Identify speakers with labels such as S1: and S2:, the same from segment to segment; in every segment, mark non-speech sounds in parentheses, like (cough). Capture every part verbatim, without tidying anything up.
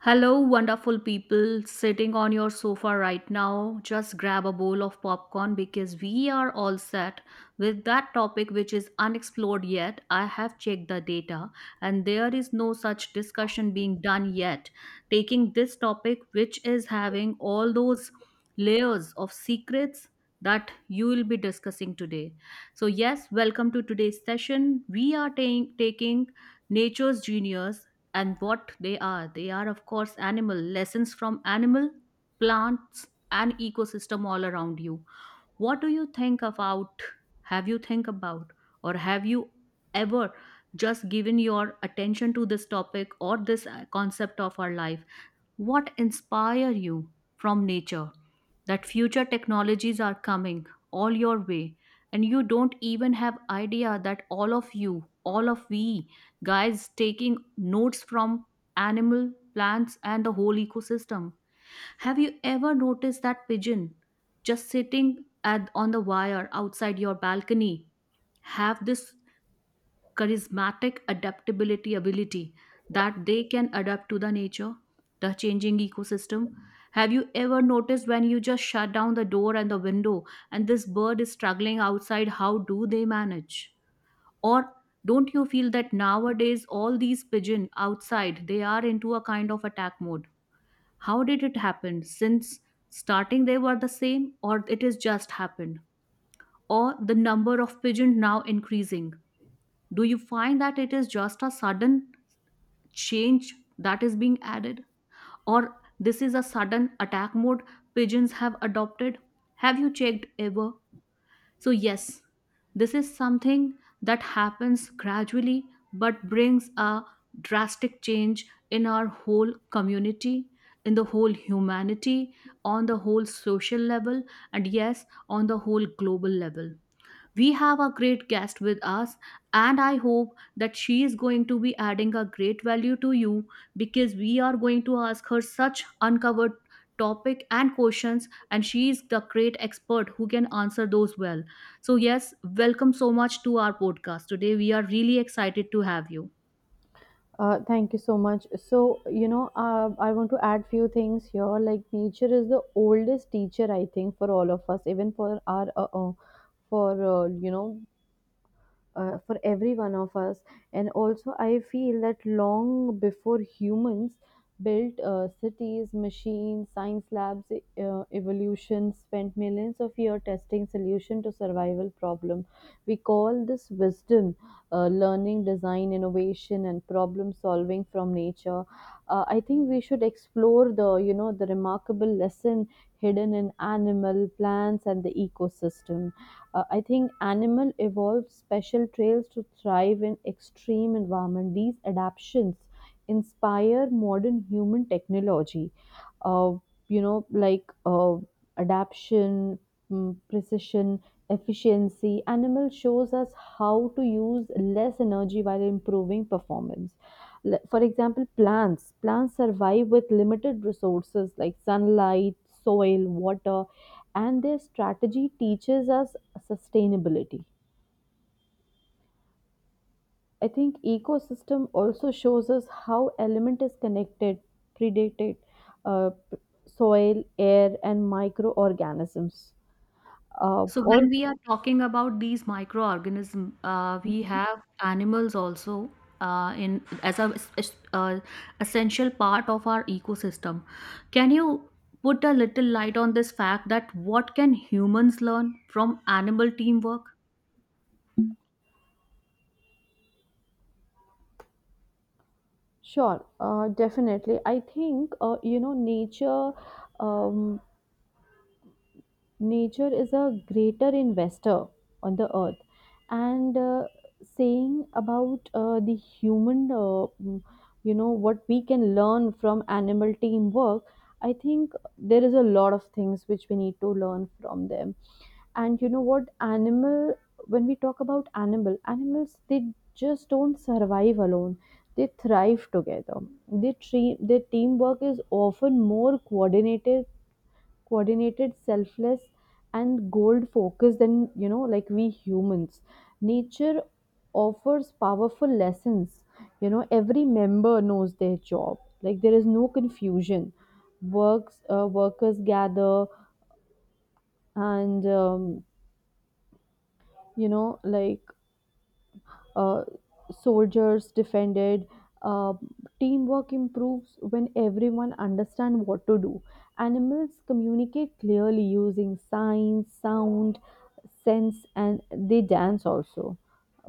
S1: Hello, wonderful people sitting on your sofa right now. Just grab a bowl of popcorn because we are all set with that topic which is unexplored yet. I have checked the data and there is no such discussion being done yet. Taking this topic, which is having all those layers of secrets that you will be discussing today. So, yes, welcome to today's session. We are ta- taking nature's genius, and what they are they are of course animal lessons from animal, plants and ecosystem all around you. What do you think about, have you think about, or have you ever just given your attention to this topic or this uh, concept of our life? What inspire you from nature, that future technologies are coming all your way, and you don't even have idea that all of you all of we guys taking notes from animal, plants and the whole ecosystem? Have you ever noticed that pigeon just sitting at on the wire outside your balcony have this charismatic adaptability ability, that they can adapt to the nature, the changing ecosystem? Have you ever noticed when you just shut down the door and the window, and this bird is struggling outside, how do they manage? Or don't you feel that nowadays all these pigeon outside they are into a kind of attack mode? How did it happen? Since starting they were the same, or it is just happened? Or the number of pigeon now increasing? Do you find that it is just a sudden change that is being added, or this is a sudden attack mode pigeons have adopted? Have you checked ever? So yes, this is something that happens gradually, but brings a drastic change in our whole community, in the whole humanity, on the whole social level, and yes, on the whole global level. We have a great guest with us, and I hope that she is going to be adding a great value to you, because we are going to ask her such uncovered topic and questions, and she is the great expert who can answer those well. So yes, welcome so much to our podcast today. We are really excited to have you.
S2: Uh, thank you so much. So, you know, uh, I want to add few things here. Like nature is the oldest teacher, I think, for all of us, even for our, uh, uh, for uh, you know, uh, for every one of us. And also I feel that long before humans built uh, cities, machines, science labs, e, uh, evolution spent millions of years testing solution to survival problem. We call this wisdom, uh, learning, design, innovation and problem solving from nature. uh, I think we should explore the you know the remarkable lesson hidden in animal, plants and the ecosystem. uh, I think animal evolved special trails to thrive in extreme environment. These adaptations inspire modern human technology. Uh, you know, like uh, Adaptation, mm, precision, efficiency. Animal shows us how to use less energy while improving performance. L- For example, plants. Plants survive with limited resources like sunlight, soil, water, and their strategy teaches us sustainability. I think ecosystem also shows us how element is connected, predated, uh, p- soil, air, and microorganisms. Uh,
S1: So when
S2: or
S1: we are talking about these microorganisms, uh, we have animals also uh, in as a es- uh, essential part of our ecosystem. Can you put a little light on this fact that what can humans learn from animal teamwork?
S2: sure, uh, definitely. I think uh, you know nature um, nature is a greater investor on the earth. And uh, saying about uh, the human, uh, mm, you know what we can learn from animal teamwork, I think there is a lot of things which we need to learn from them. And you know what, animal, when we talk about animal animals, they just don't survive alone, they thrive together. They tre- their teamwork is often more coordinated coordinated, selfless, and goal focused than, you know, like we humans. Nature offers powerful lessons. You know, every member knows their job. Like there is no confusion. Works uh, workers gather, and um, you know like uh, soldiers defended. Uh, Teamwork improves when everyone understands what to do. Animals communicate clearly using signs, sound, sense, and they dance also.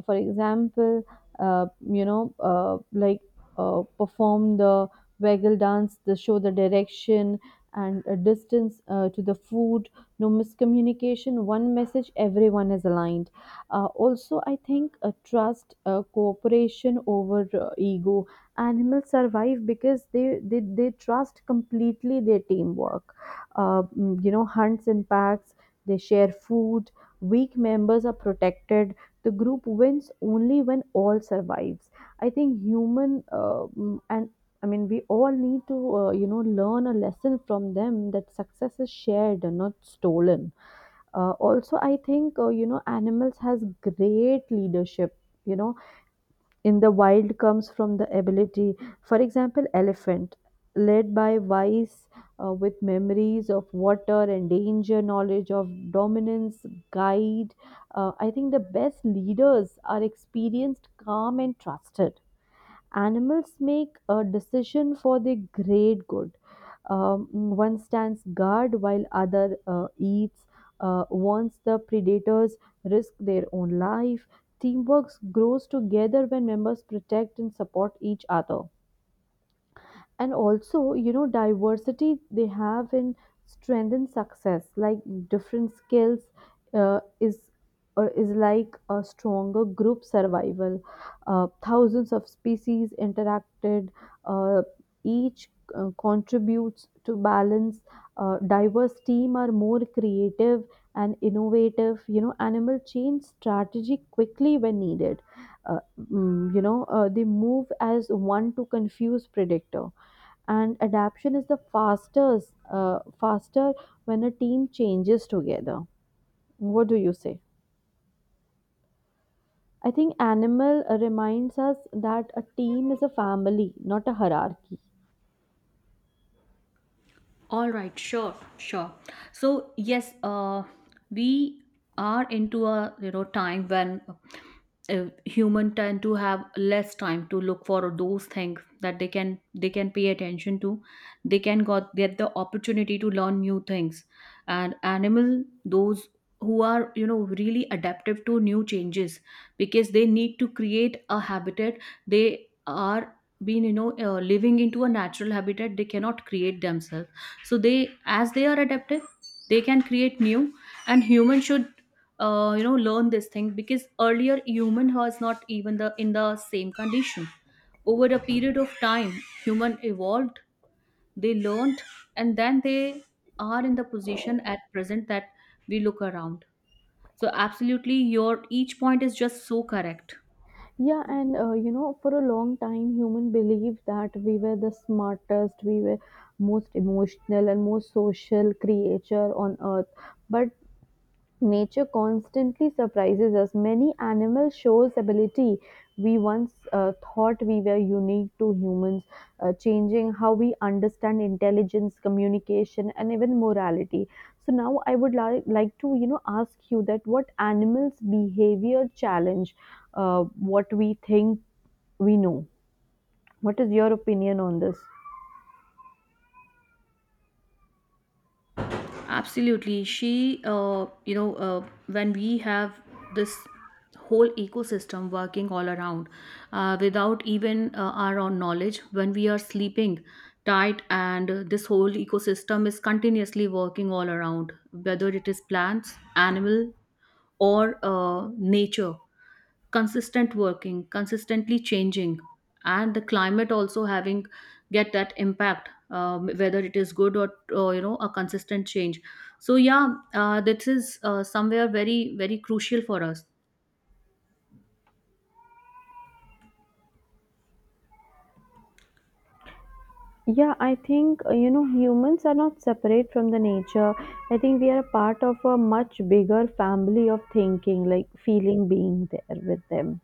S2: For example, uh, you know, uh, like uh, perform the waggle dance, the show the direction and a distance uh, to the food. No miscommunication, one message, everyone is aligned. Uh, also, I think uh, trust, uh, cooperation over uh, ego. Animals survive because they, they, they trust completely their teamwork. Uh, mm, you know, hunts and packs, they share food, weak members are protected. The group wins only when all survives. I think human uh, mm, and I mean, we all need to, uh, you know, learn a lesson from them that success is shared and not stolen. Uh, also, I think uh, you know animals has great leadership. You know, in the wild comes from the ability. For example, elephant led by wise, uh, with memories of water and danger, knowledge of dominance, guide. Uh, I think the best leaders are experienced, calm, and trusted. Animals make a decision for the great good. Um, One stands guard while other uh, eats. Uh, once the predators risk their own life, teamwork grows together when members protect and support each other. And also, you know, diversity they have in strength and success, like different skills uh, is uh, is like a stronger group survival. Uh, thousands of species interacted, uh, each uh, contributes to balance. Uh, diverse team are more creative and innovative. You know, animal change strategy quickly when needed. uh, mm, you know, uh, they move as one to confuse predator, and adaptation is the fastest uh, faster when a team changes together. What do you say? I think animal uh, reminds us that a team is a family, not a hierarchy.
S1: All right, sure, sure. So yes, uh, we are into a, you know, time when uh, human tend to have less time to look for those things that they can they can pay attention to. They can got get the opportunity to learn new things, and animal, those who are, you know, really adaptive to new changes, because they need to create a habitat. They are, being you know, uh, living into a natural habitat. They cannot create themselves, so they, as they are adaptive, they can create new. And human should, uh, you know, learn this thing, because earlier human was not even the in the same condition. Over a period of time, human evolved, they learned, and then they are in the position at present that we look around. So absolutely, your each point is just so correct.
S2: Yeah, and uh, you know, for a long time human believed that we were the smartest, we were most emotional and most social creature on earth. But nature constantly surprises us. Many animals shows ability we once uh, thought we were unique to humans, uh, changing how we understand intelligence, communication, and even morality. So now I would li- like to, you know, ask you that what animals' behavior challenge uh, what we think we know. What is your opinion on this?
S1: Absolutely. She, uh, you know, uh, when we have this whole ecosystem working all around uh, without even uh, our own knowledge, when we are sleeping tight, and uh, this whole ecosystem is continuously working all around, whether it is plants, animal, or uh, nature, consistent working, consistently changing, and the climate also having get that impact, um, whether it is good or, or you know, a consistent change. So yeah, uh, this is uh, somewhere very very crucial for us.
S2: Yeah, I think uh, you know humans are not separate from the nature. I think we are a part of a much bigger family of thinking, like feeling being there with them.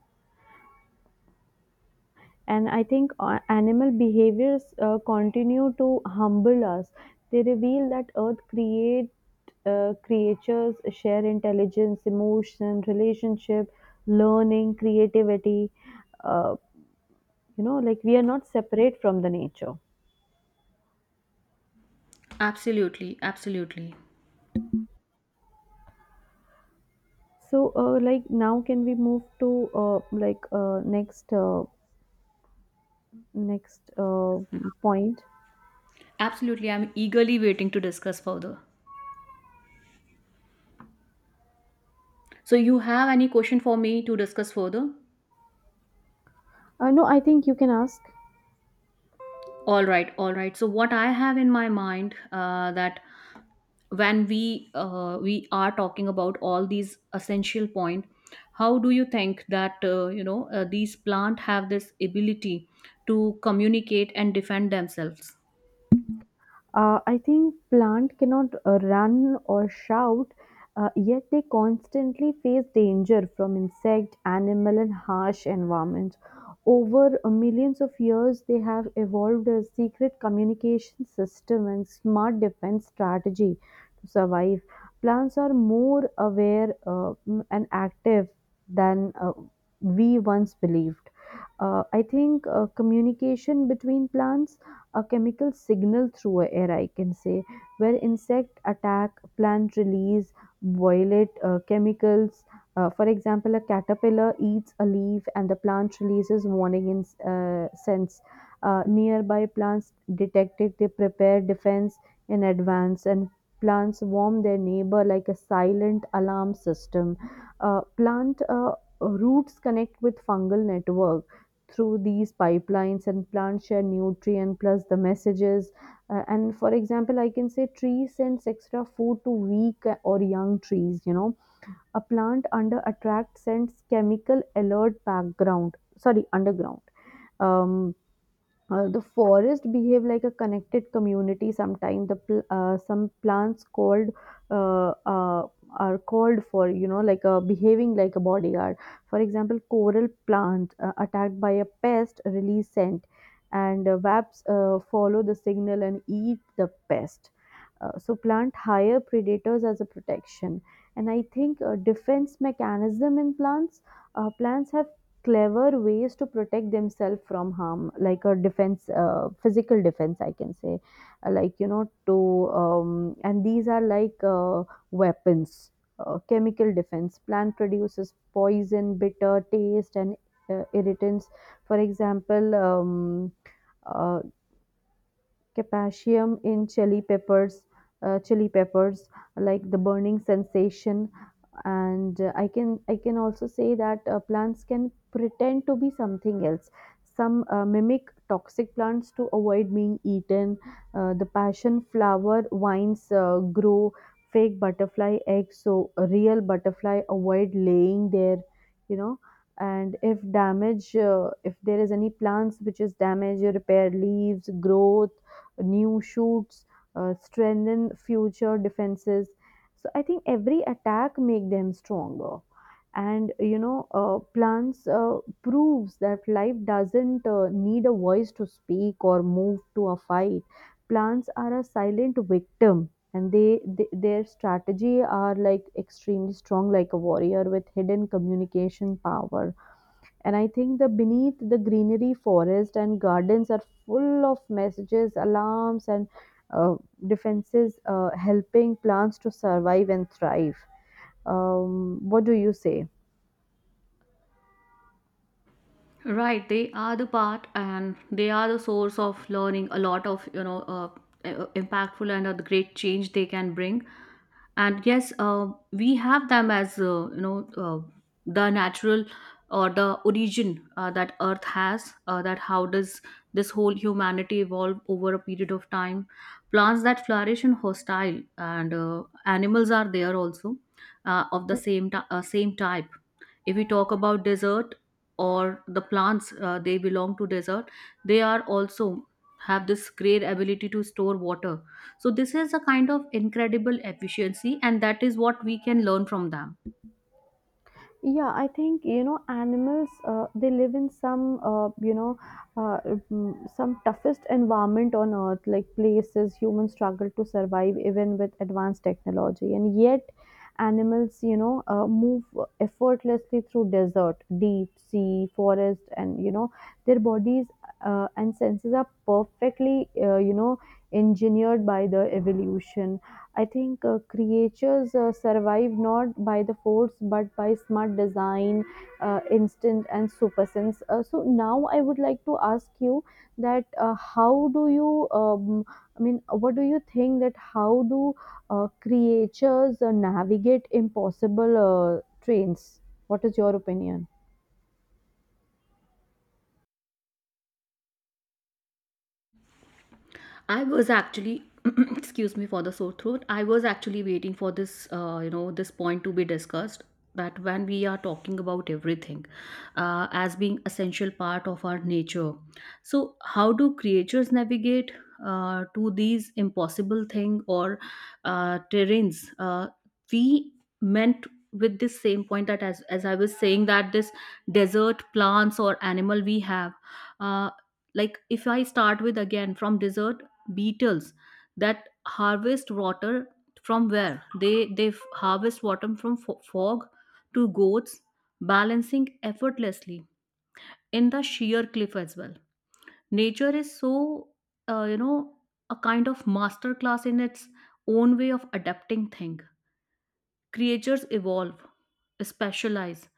S2: And I think uh, animal behaviors uh, continue to humble us. They reveal that Earth create uh, creatures share intelligence, emotion, relationship, learning, creativity. Uh, you know, like we are not separate from the nature.
S1: Absolutely, absolutely.
S2: So, uh, like now, can we move to uh, like uh, next uh, next uh, point?
S1: Absolutely, I'm eagerly waiting to discuss further. So you have any question for me to discuss further?
S2: Uh, no, I think you can ask.
S1: All right, all right. So what I have in my mind, uh, that when we uh, we are talking about all these essential point, how do you think that, uh, you know, uh, these plant have this ability to communicate and defend themselves?
S2: Uh, I think plant cannot uh, run or shout, uh, yet they constantly face danger from insect, animal, and harsh environments. Over uh, millions of years, they have evolved a secret communication system and smart defense strategy to survive. Plants are more aware uh, mm, and active than uh, we once believed. Uh, I think uh, communication between plants, a chemical signal through a air, I can say, where insect attack, plant release violet uh, chemicals. Uh, for example, a caterpillar eats a leaf and the plant releases warning in, uh, sense. Uh, nearby plants detect it, they prepare defense in advance, and plants warn their neighbor like a silent alarm system. Uh, plant uh, Roots connect with fungal network. Through these pipelines and plants share nutrient plus the messages. Uh, and for example, I can say tree sends extra food to weak or young trees, you know. A plant under attract sends chemical alert background, sorry, underground. um, uh, the forest behave like a connected community. Sometimes the pl- uh, some plants called uh, uh, are called for, you know, like a behaving like a bodyguard. For example, coral plant uh, attacked by a pest release scent, and uh, wasps uh, follow the signal and eat the pest. Uh, so plant hire predators as a protection. And I think uh, defense mechanism in plants, uh, plants have clever ways to protect themselves from harm, like a defense, uh, physical defense, I can say. Uh, like, you know, to um, and these are like uh, weapons. Uh, chemical defense, plant produces poison, bitter taste and uh, irritants. For example, um, uh, capsaicin in chili peppers uh, chili peppers, like the burning sensation. And uh, I can, I can also say that uh, plants can pretend to be something else. Some uh, mimic toxic plants to avoid being eaten. Uh, the passion flower vines uh, grow fake butterfly eggs so a real butterfly avoid laying there, you know. And if damage, uh, if there is any plants which is damaged, you repair leaves, growth new shoots, uh, strengthen future defenses. So I think every attack make them stronger. And you know, uh, plants uh, proves that life doesn't uh, need a voice to speak or move to a fight. Plants are a silent victim, and they, they their strategy are like extremely strong, like a warrior with hidden communication power. And I think the beneath the greenery, forest and gardens are full of messages, alarms, and uh, defenses, uh, helping plants to survive and thrive. Um, what do you say?
S1: Right, they are the part and they are the source of learning a lot of, you know, uh, uh, impactful and a great change they can bring. And yes, uh, we have them as, uh, you know, uh, the natural or the origin, uh, that earth has, uh, that how does this whole humanity evolve over a period of time. Plants that flourish in hostile, and uh, animals are there also, uh, of the same ti- uh, same type. If we talk about desert or the plants, uh, they belong to desert, they are also have this great ability to store water. So this is a kind of incredible efficiency, and that is what we can learn from them.
S2: Yeah, I think, you know, animals. Uh, they live in some uh, you know uh, mm, some toughest environment on earth, like places humans struggle to survive even with advanced technology. And yet, animals, you know, uh, move effortlessly through desert, deep sea, forest, and you know, their bodies uh, and senses are perfectly, uh, you know engineered by the evolution. I think uh, creatures uh, survive not by the force but by smart design, uh, instinct, and super sense. Uh, so now I would like to ask you that uh, how do you, um, I mean, what do you think that how do uh, creatures uh, navigate impossible uh, trains? What is your opinion?
S1: I was actually, (clears throat) excuse me for the sore throat. I was actually waiting for this, uh, you know, this point to be discussed. That when we are talking about everything uh, as being essential part of our nature, so how do creatures navigate uh, to these impossible thing or uh, terrains? Uh, we meant with this same point that, as as I was saying, that this desert plants or animal we have. Uh, like if I start with again from desert, beetles that harvest water, from where they they f- harvest water from fo- fog, to goats balancing effortlessly in the sheer cliff as well. Nature is so, uh, you know, a kind of masterclass in its own way of adapting thing. Creatures evolve, specialize,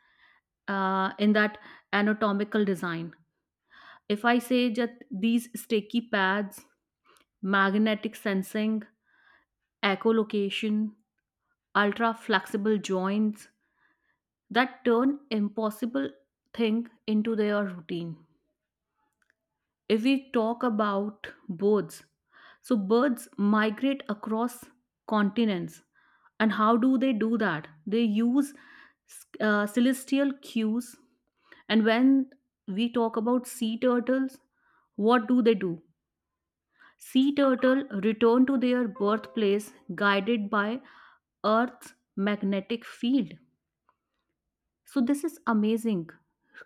S1: uh, in that anatomical design. If I say that, these sticky pads, magnetic sensing, echolocation, ultra flexible joints that turn impossible thing into their routine. If we talk about birds, so birds migrate across continents. And how do they do that? They use uh, celestial cues. And when we talk about sea turtles, what do they do? Sea turtle return to their birthplace guided by Earth's magnetic field. So this is amazing.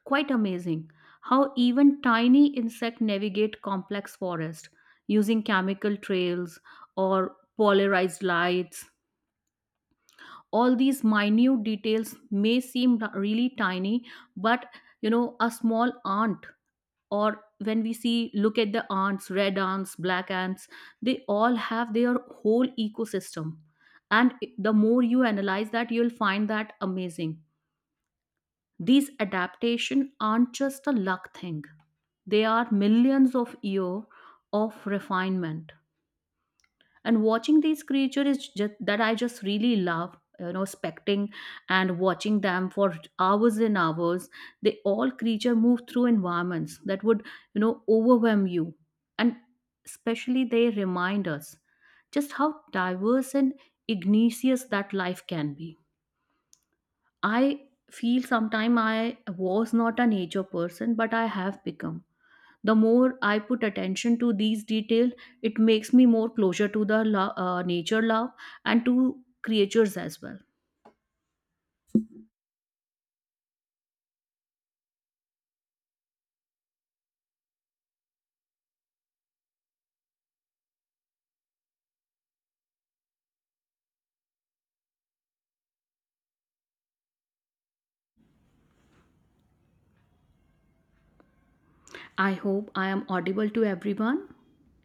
S1: Quite amazing how even tiny insect navigate complex forest using chemical trails or polarized lights. All these minute details may seem really tiny, but you know, a small ant, or when we see look at the ants, red ants, black ants, they all have their whole ecosystem. And the more you analyze that, you'll find that amazing. These adaptations aren't just a luck thing. They are millions of years of refinement. And watching these creatures is just that I just really love, you know, specting and watching them for hours and hours. They all creature move through environments that would, you know, overwhelm you. And especially they remind us just how diverse and igneous that life can be. I feel sometime I was not a nature person, but I have become. The more I put attention to these details, it makes me more closer to the lo- uh, nature love, and to creatures as well. I hope I am audible to everyone.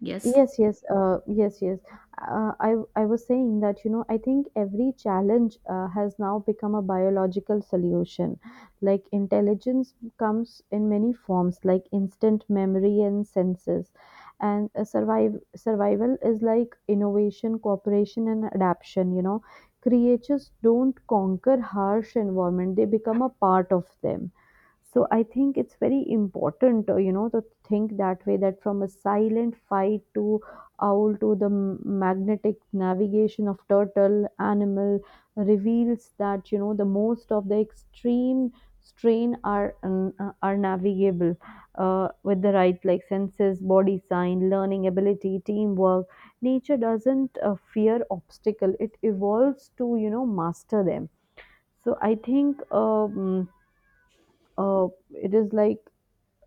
S1: Yes.
S2: Yes, yes, uh, yes, yes. Uh, I I was saying that, you know, I think every challenge uh, has now become a biological solution. Like intelligence comes in many forms, like instant memory and senses, and uh, survive survival is like innovation, cooperation, and adaptation. You know, creatures don't conquer harsh environment; they become a part of them. So I think it's very important, uh, you know, to think that way, that from a silent fight to owl to the m- magnetic navigation of turtle, animal reveals that, you know, the most of the extreme strain are um, uh, are navigable uh, with the right, like senses, body sign, learning ability, teamwork. Nature doesn't uh, fear obstacle, it evolves to, you know, master them. So I think, um, uh, it is like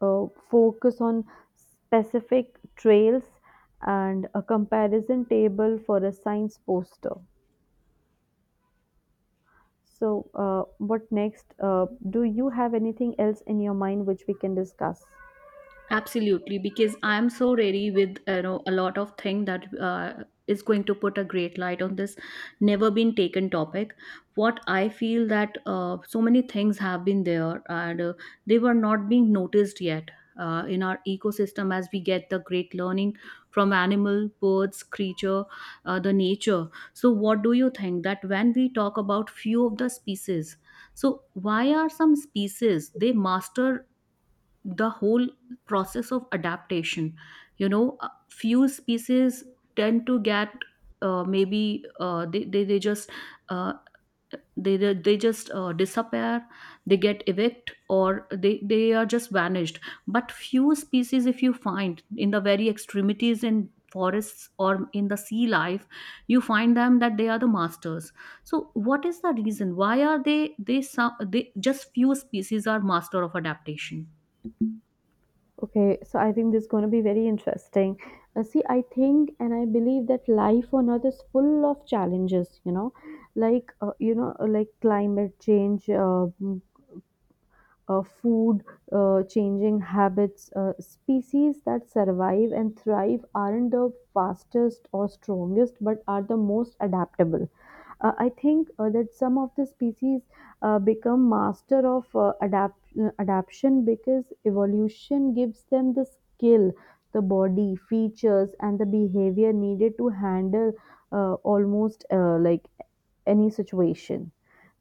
S2: uh, focus on specific trails and a comparison table for a science poster. So, uh, what next? Uh, do you have anything else in your mind which we can discuss?
S1: Absolutely, because I'm so ready with, you know, a lot of thing that uh, is going to put a great light on this never been taken topic. What I feel that, uh, so many things have been there, and uh, they were not being noticed yet uh, in our ecosystem, as we get the great learning from animal, birds, creature, uh, the nature. So, what do you think that when we talk about few of the species? So, why are some species they master the whole process of adaptation? You know, uh, few species tend to get, uh, maybe uh, they, they, they just, uh, they, they they just uh, disappear, they get evict, or they, they are just vanished. But few species, if you find in the very extremities in forests or in the sea life, you find them that they are the masters. So what is the reason, why are they they some they just few species are master of adaptation?
S2: Okay, so I think this is going to be very interesting. Uh, see, I think and I believe that life on Earth is full of challenges, you know, like, uh, you know, like climate change, uh, uh, food, uh, changing habits. Uh, species that survive and thrive aren't the fastest or strongest, but are the most adaptable. Uh, I think uh, that some of the species uh, become master of uh, adapt- uh, adaptation because evolution gives them the skill, the body features, and the behavior needed to handle uh, almost uh, like any situation.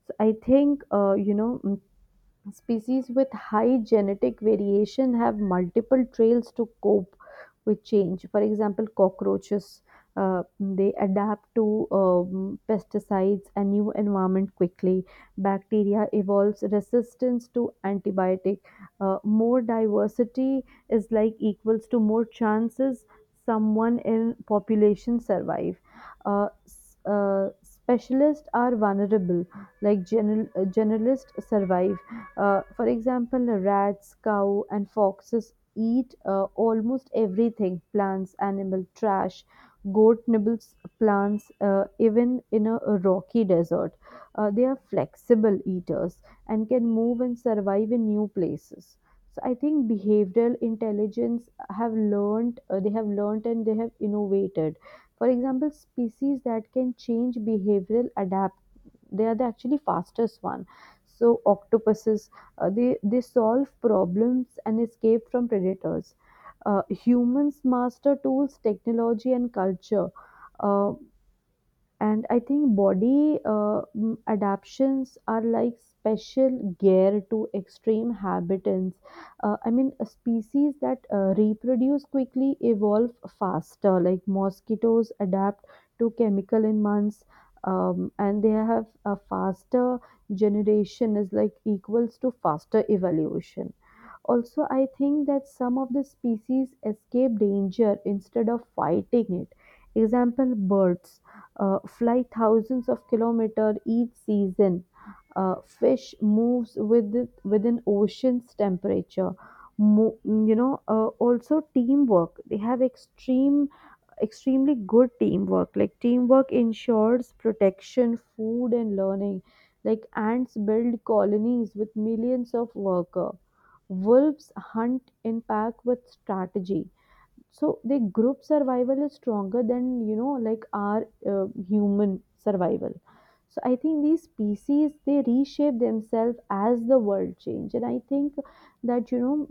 S2: So I think, uh, you know mm, Species with high genetic variation have multiple trails to cope with change. For example, cockroaches uh, they adapt to um, pesticides and new environment quickly. Bacteria evolves resistance to antibiotic. Uh, more diversity is like equals to more chances someone in population survive. Uh, s- uh, specialists are vulnerable like general, uh, generalists survive, uh, for example, rats, cow, and foxes eat uh, almost everything, plants, animal, trash. Goat nibbles plants uh, even in a rocky desert. Uh, they are flexible eaters and can move and survive in new places. So I think behavioral intelligence have learned, uh, they have learned and they have innovated. For example, species that can change behavioral adapt, they are the actually fastest one. So octopuses, uh, they, they solve problems and escape from predators. Uh, humans master tools, technology, and culture. Uh, and I think body uh, mm, adaptations are like special gear to extreme habitats. Uh, i mean uh, species that uh, reproduce quickly evolve faster, like mosquitoes adapt to chemical in months, um, and they have a faster generation is like equals to faster evolution. Also, I think that some of the species escape danger instead of fighting it. Example, birds uh, fly thousands of kilometers each season. Uh, fish moves with within ocean's temperature. Mo- you know, uh, also teamwork. They have extreme, extremely good teamwork. Like teamwork ensures protection, food, and learning. Like ants build colonies with millions of workers, wolves hunt in pack with strategy. So the group survival is stronger than, you know, like our uh, human survival. So I think these species they reshape themselves as the world change, and I think that, you know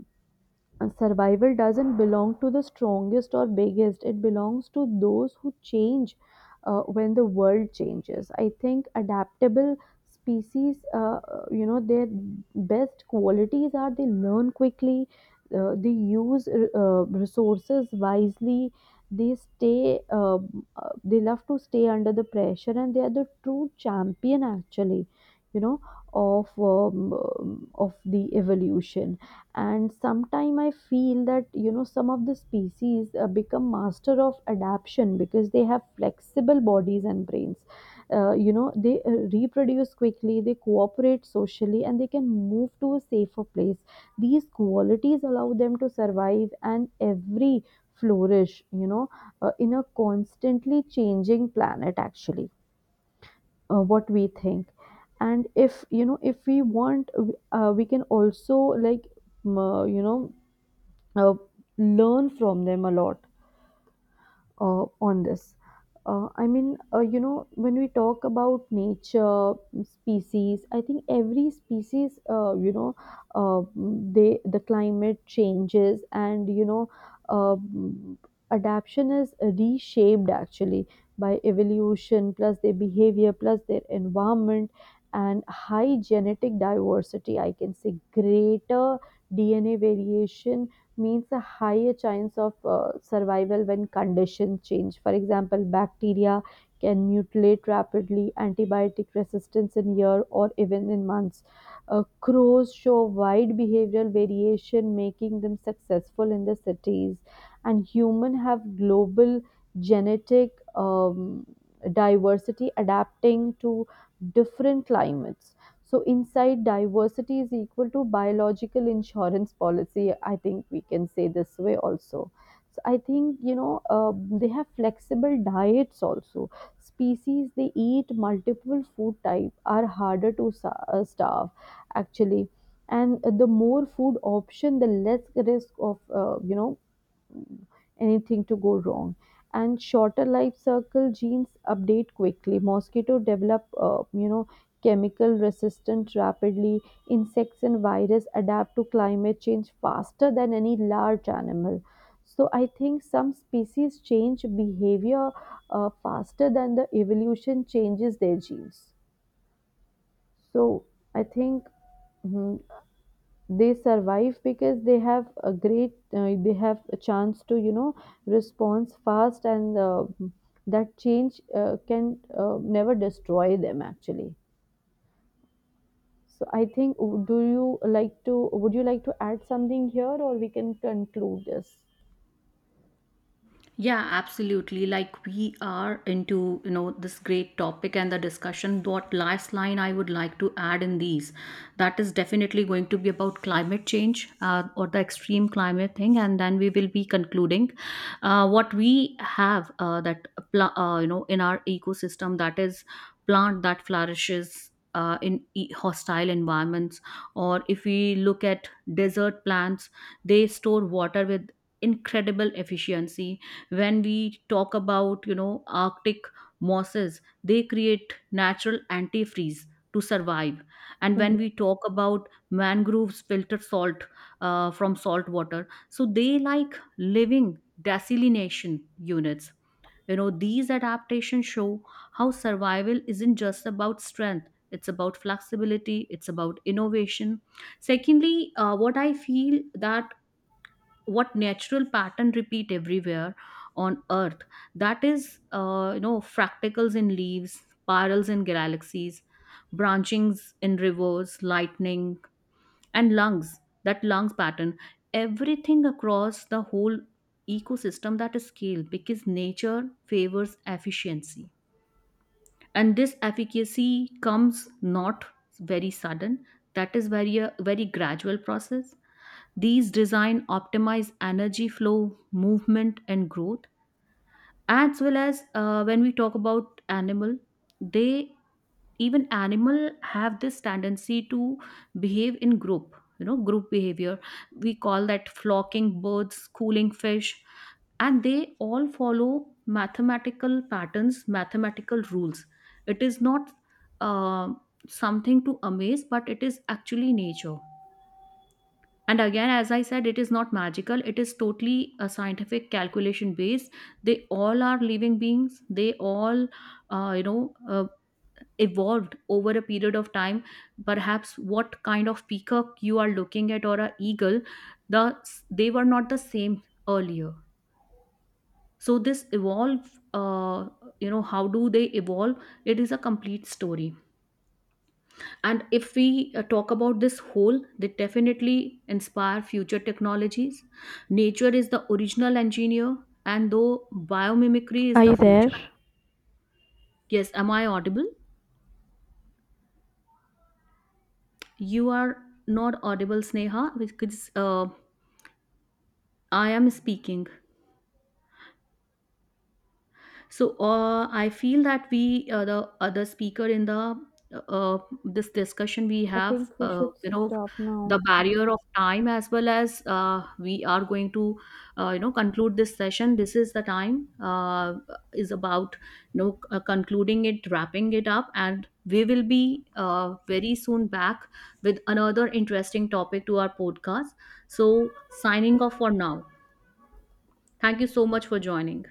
S2: uh, survival doesn't belong to the strongest or biggest, it belongs to those who change uh, when the world changes. I think adaptable species, uh, uh, you know their best qualities are they learn quickly, uh, they use uh, resources wisely, they stay uh, uh, they love to stay under the pressure, and they are the true champion actually, you know, of um, um, of the evolution. And sometime I feel that, you know, some of the species uh, become master of adaptation because they have flexible bodies and brains. Uh, you know, they uh, reproduce quickly, they cooperate socially, and they can move to a safer place. These qualities allow them to survive and every flourish, you know, uh, in a constantly changing planet actually. Uh, what we think? And if, you know, if we want, uh, we can also like m- uh, you know uh, learn from them a lot uh, on this. Uh, I mean, uh, you know, when we talk about nature, species, I think every species, uh, you know, uh, they the climate changes and, you know, uh, adaptation is reshaped actually by evolution plus their behavior plus their environment and high genetic diversity. I can say greater D N A variation means a higher chance of uh, survival when conditions change. For example, bacteria can mutilate rapidly, antibiotic resistance in year or even in months. Uh, crows show wide behavioral variation, making them successful in the cities. And human have global genetic um, diversity, adapting to different climates. So inside diversity is equal to biological insurance policy. I think we can say this way also. So I think, you know uh, they have flexible diets also. Species they eat multiple food type are harder to sa- uh, starve actually, and the more food option, the less risk of, uh, you know, anything to go wrong. And shorter life cycle genes update quickly. Mosquito develop, uh, you know, chemical resistance rapidly. Insects and virus adapt to climate change faster than any large animal. So I think some species change behavior uh, faster than the evolution changes their genes. So I think, mhm, they survive because they have a great uh, they have a chance to, you know, respond fast, and uh, that change uh, can uh, never destroy them actually. So I think, w- do you like to would you like to add something here, or we can conclude this?
S1: Yeah, absolutely. Like we are into, you know, this great topic and the discussion. What last line I would like to add in these, that is definitely going to be about climate change, uh, or the extreme climate thing, and then we will be concluding uh, what we have, uh, that pla- uh, you know, in our ecosystem, that is plant that flourishes. Uh, in e- hostile environments, or if we look at desert plants, they store water with incredible efficiency. When we talk about, you know, arctic mosses, they create natural antifreeze to survive. And when
S2: Mhm.
S1: we talk about mangroves, filter salt uh, from salt water, so they like living desalination units. You know, these adaptations show how survival isn't just about strength, it's about flexibility, it's about innovation. Secondly, uh, what I feel that, what natural pattern repeat everywhere on earth, that is, uh, you know, fractals in leaves, spirals in galaxies, branchings in rivers, lightning and lungs, that lungs pattern, everything across the whole ecosystem, that is scale, because nature favors efficiency. And this efficacy comes not very sudden, that is very a very gradual process. These design optimize energy flow, movement and growth. As well as, uh, when we talk about animal, they, even animal have this tendency to behave in group, you know, group behavior, we call that, flocking birds, schooling fish, and they all follow mathematical patterns, mathematical rules. It is not, uh, something to amaze, but it is actually nature. And again, as I said, it is not magical, it is totally a scientific calculation based. They all are living beings, they all, uh, you know, uh, evolved over a period of time. Perhaps what kind of peacock you are looking at, or a eagle, the they were not the same earlier. So this evolve, uh, you know, how do they evolve? It is a complete story. And if we uh, talk about this whole, they definitely inspire future technologies. Nature is the original engineer, and though biomimicry is the future. Yes, am I audible? You are not audible, Sneha, because uh, I am speaking. So uh, I feel that we, uh, the other speaker in the, uh, this discussion, we
S2: I
S1: have,
S2: think we
S1: uh,
S2: should
S1: you know,
S2: stop now.
S1: the barrier of time, as well as uh, we are going to, uh, you know, conclude this session. This is the time, uh, is about, you know, uh, concluding it, wrapping it up, and we will be uh, very soon back with another interesting topic to our podcast. So signing off for now. Thank you so much for joining.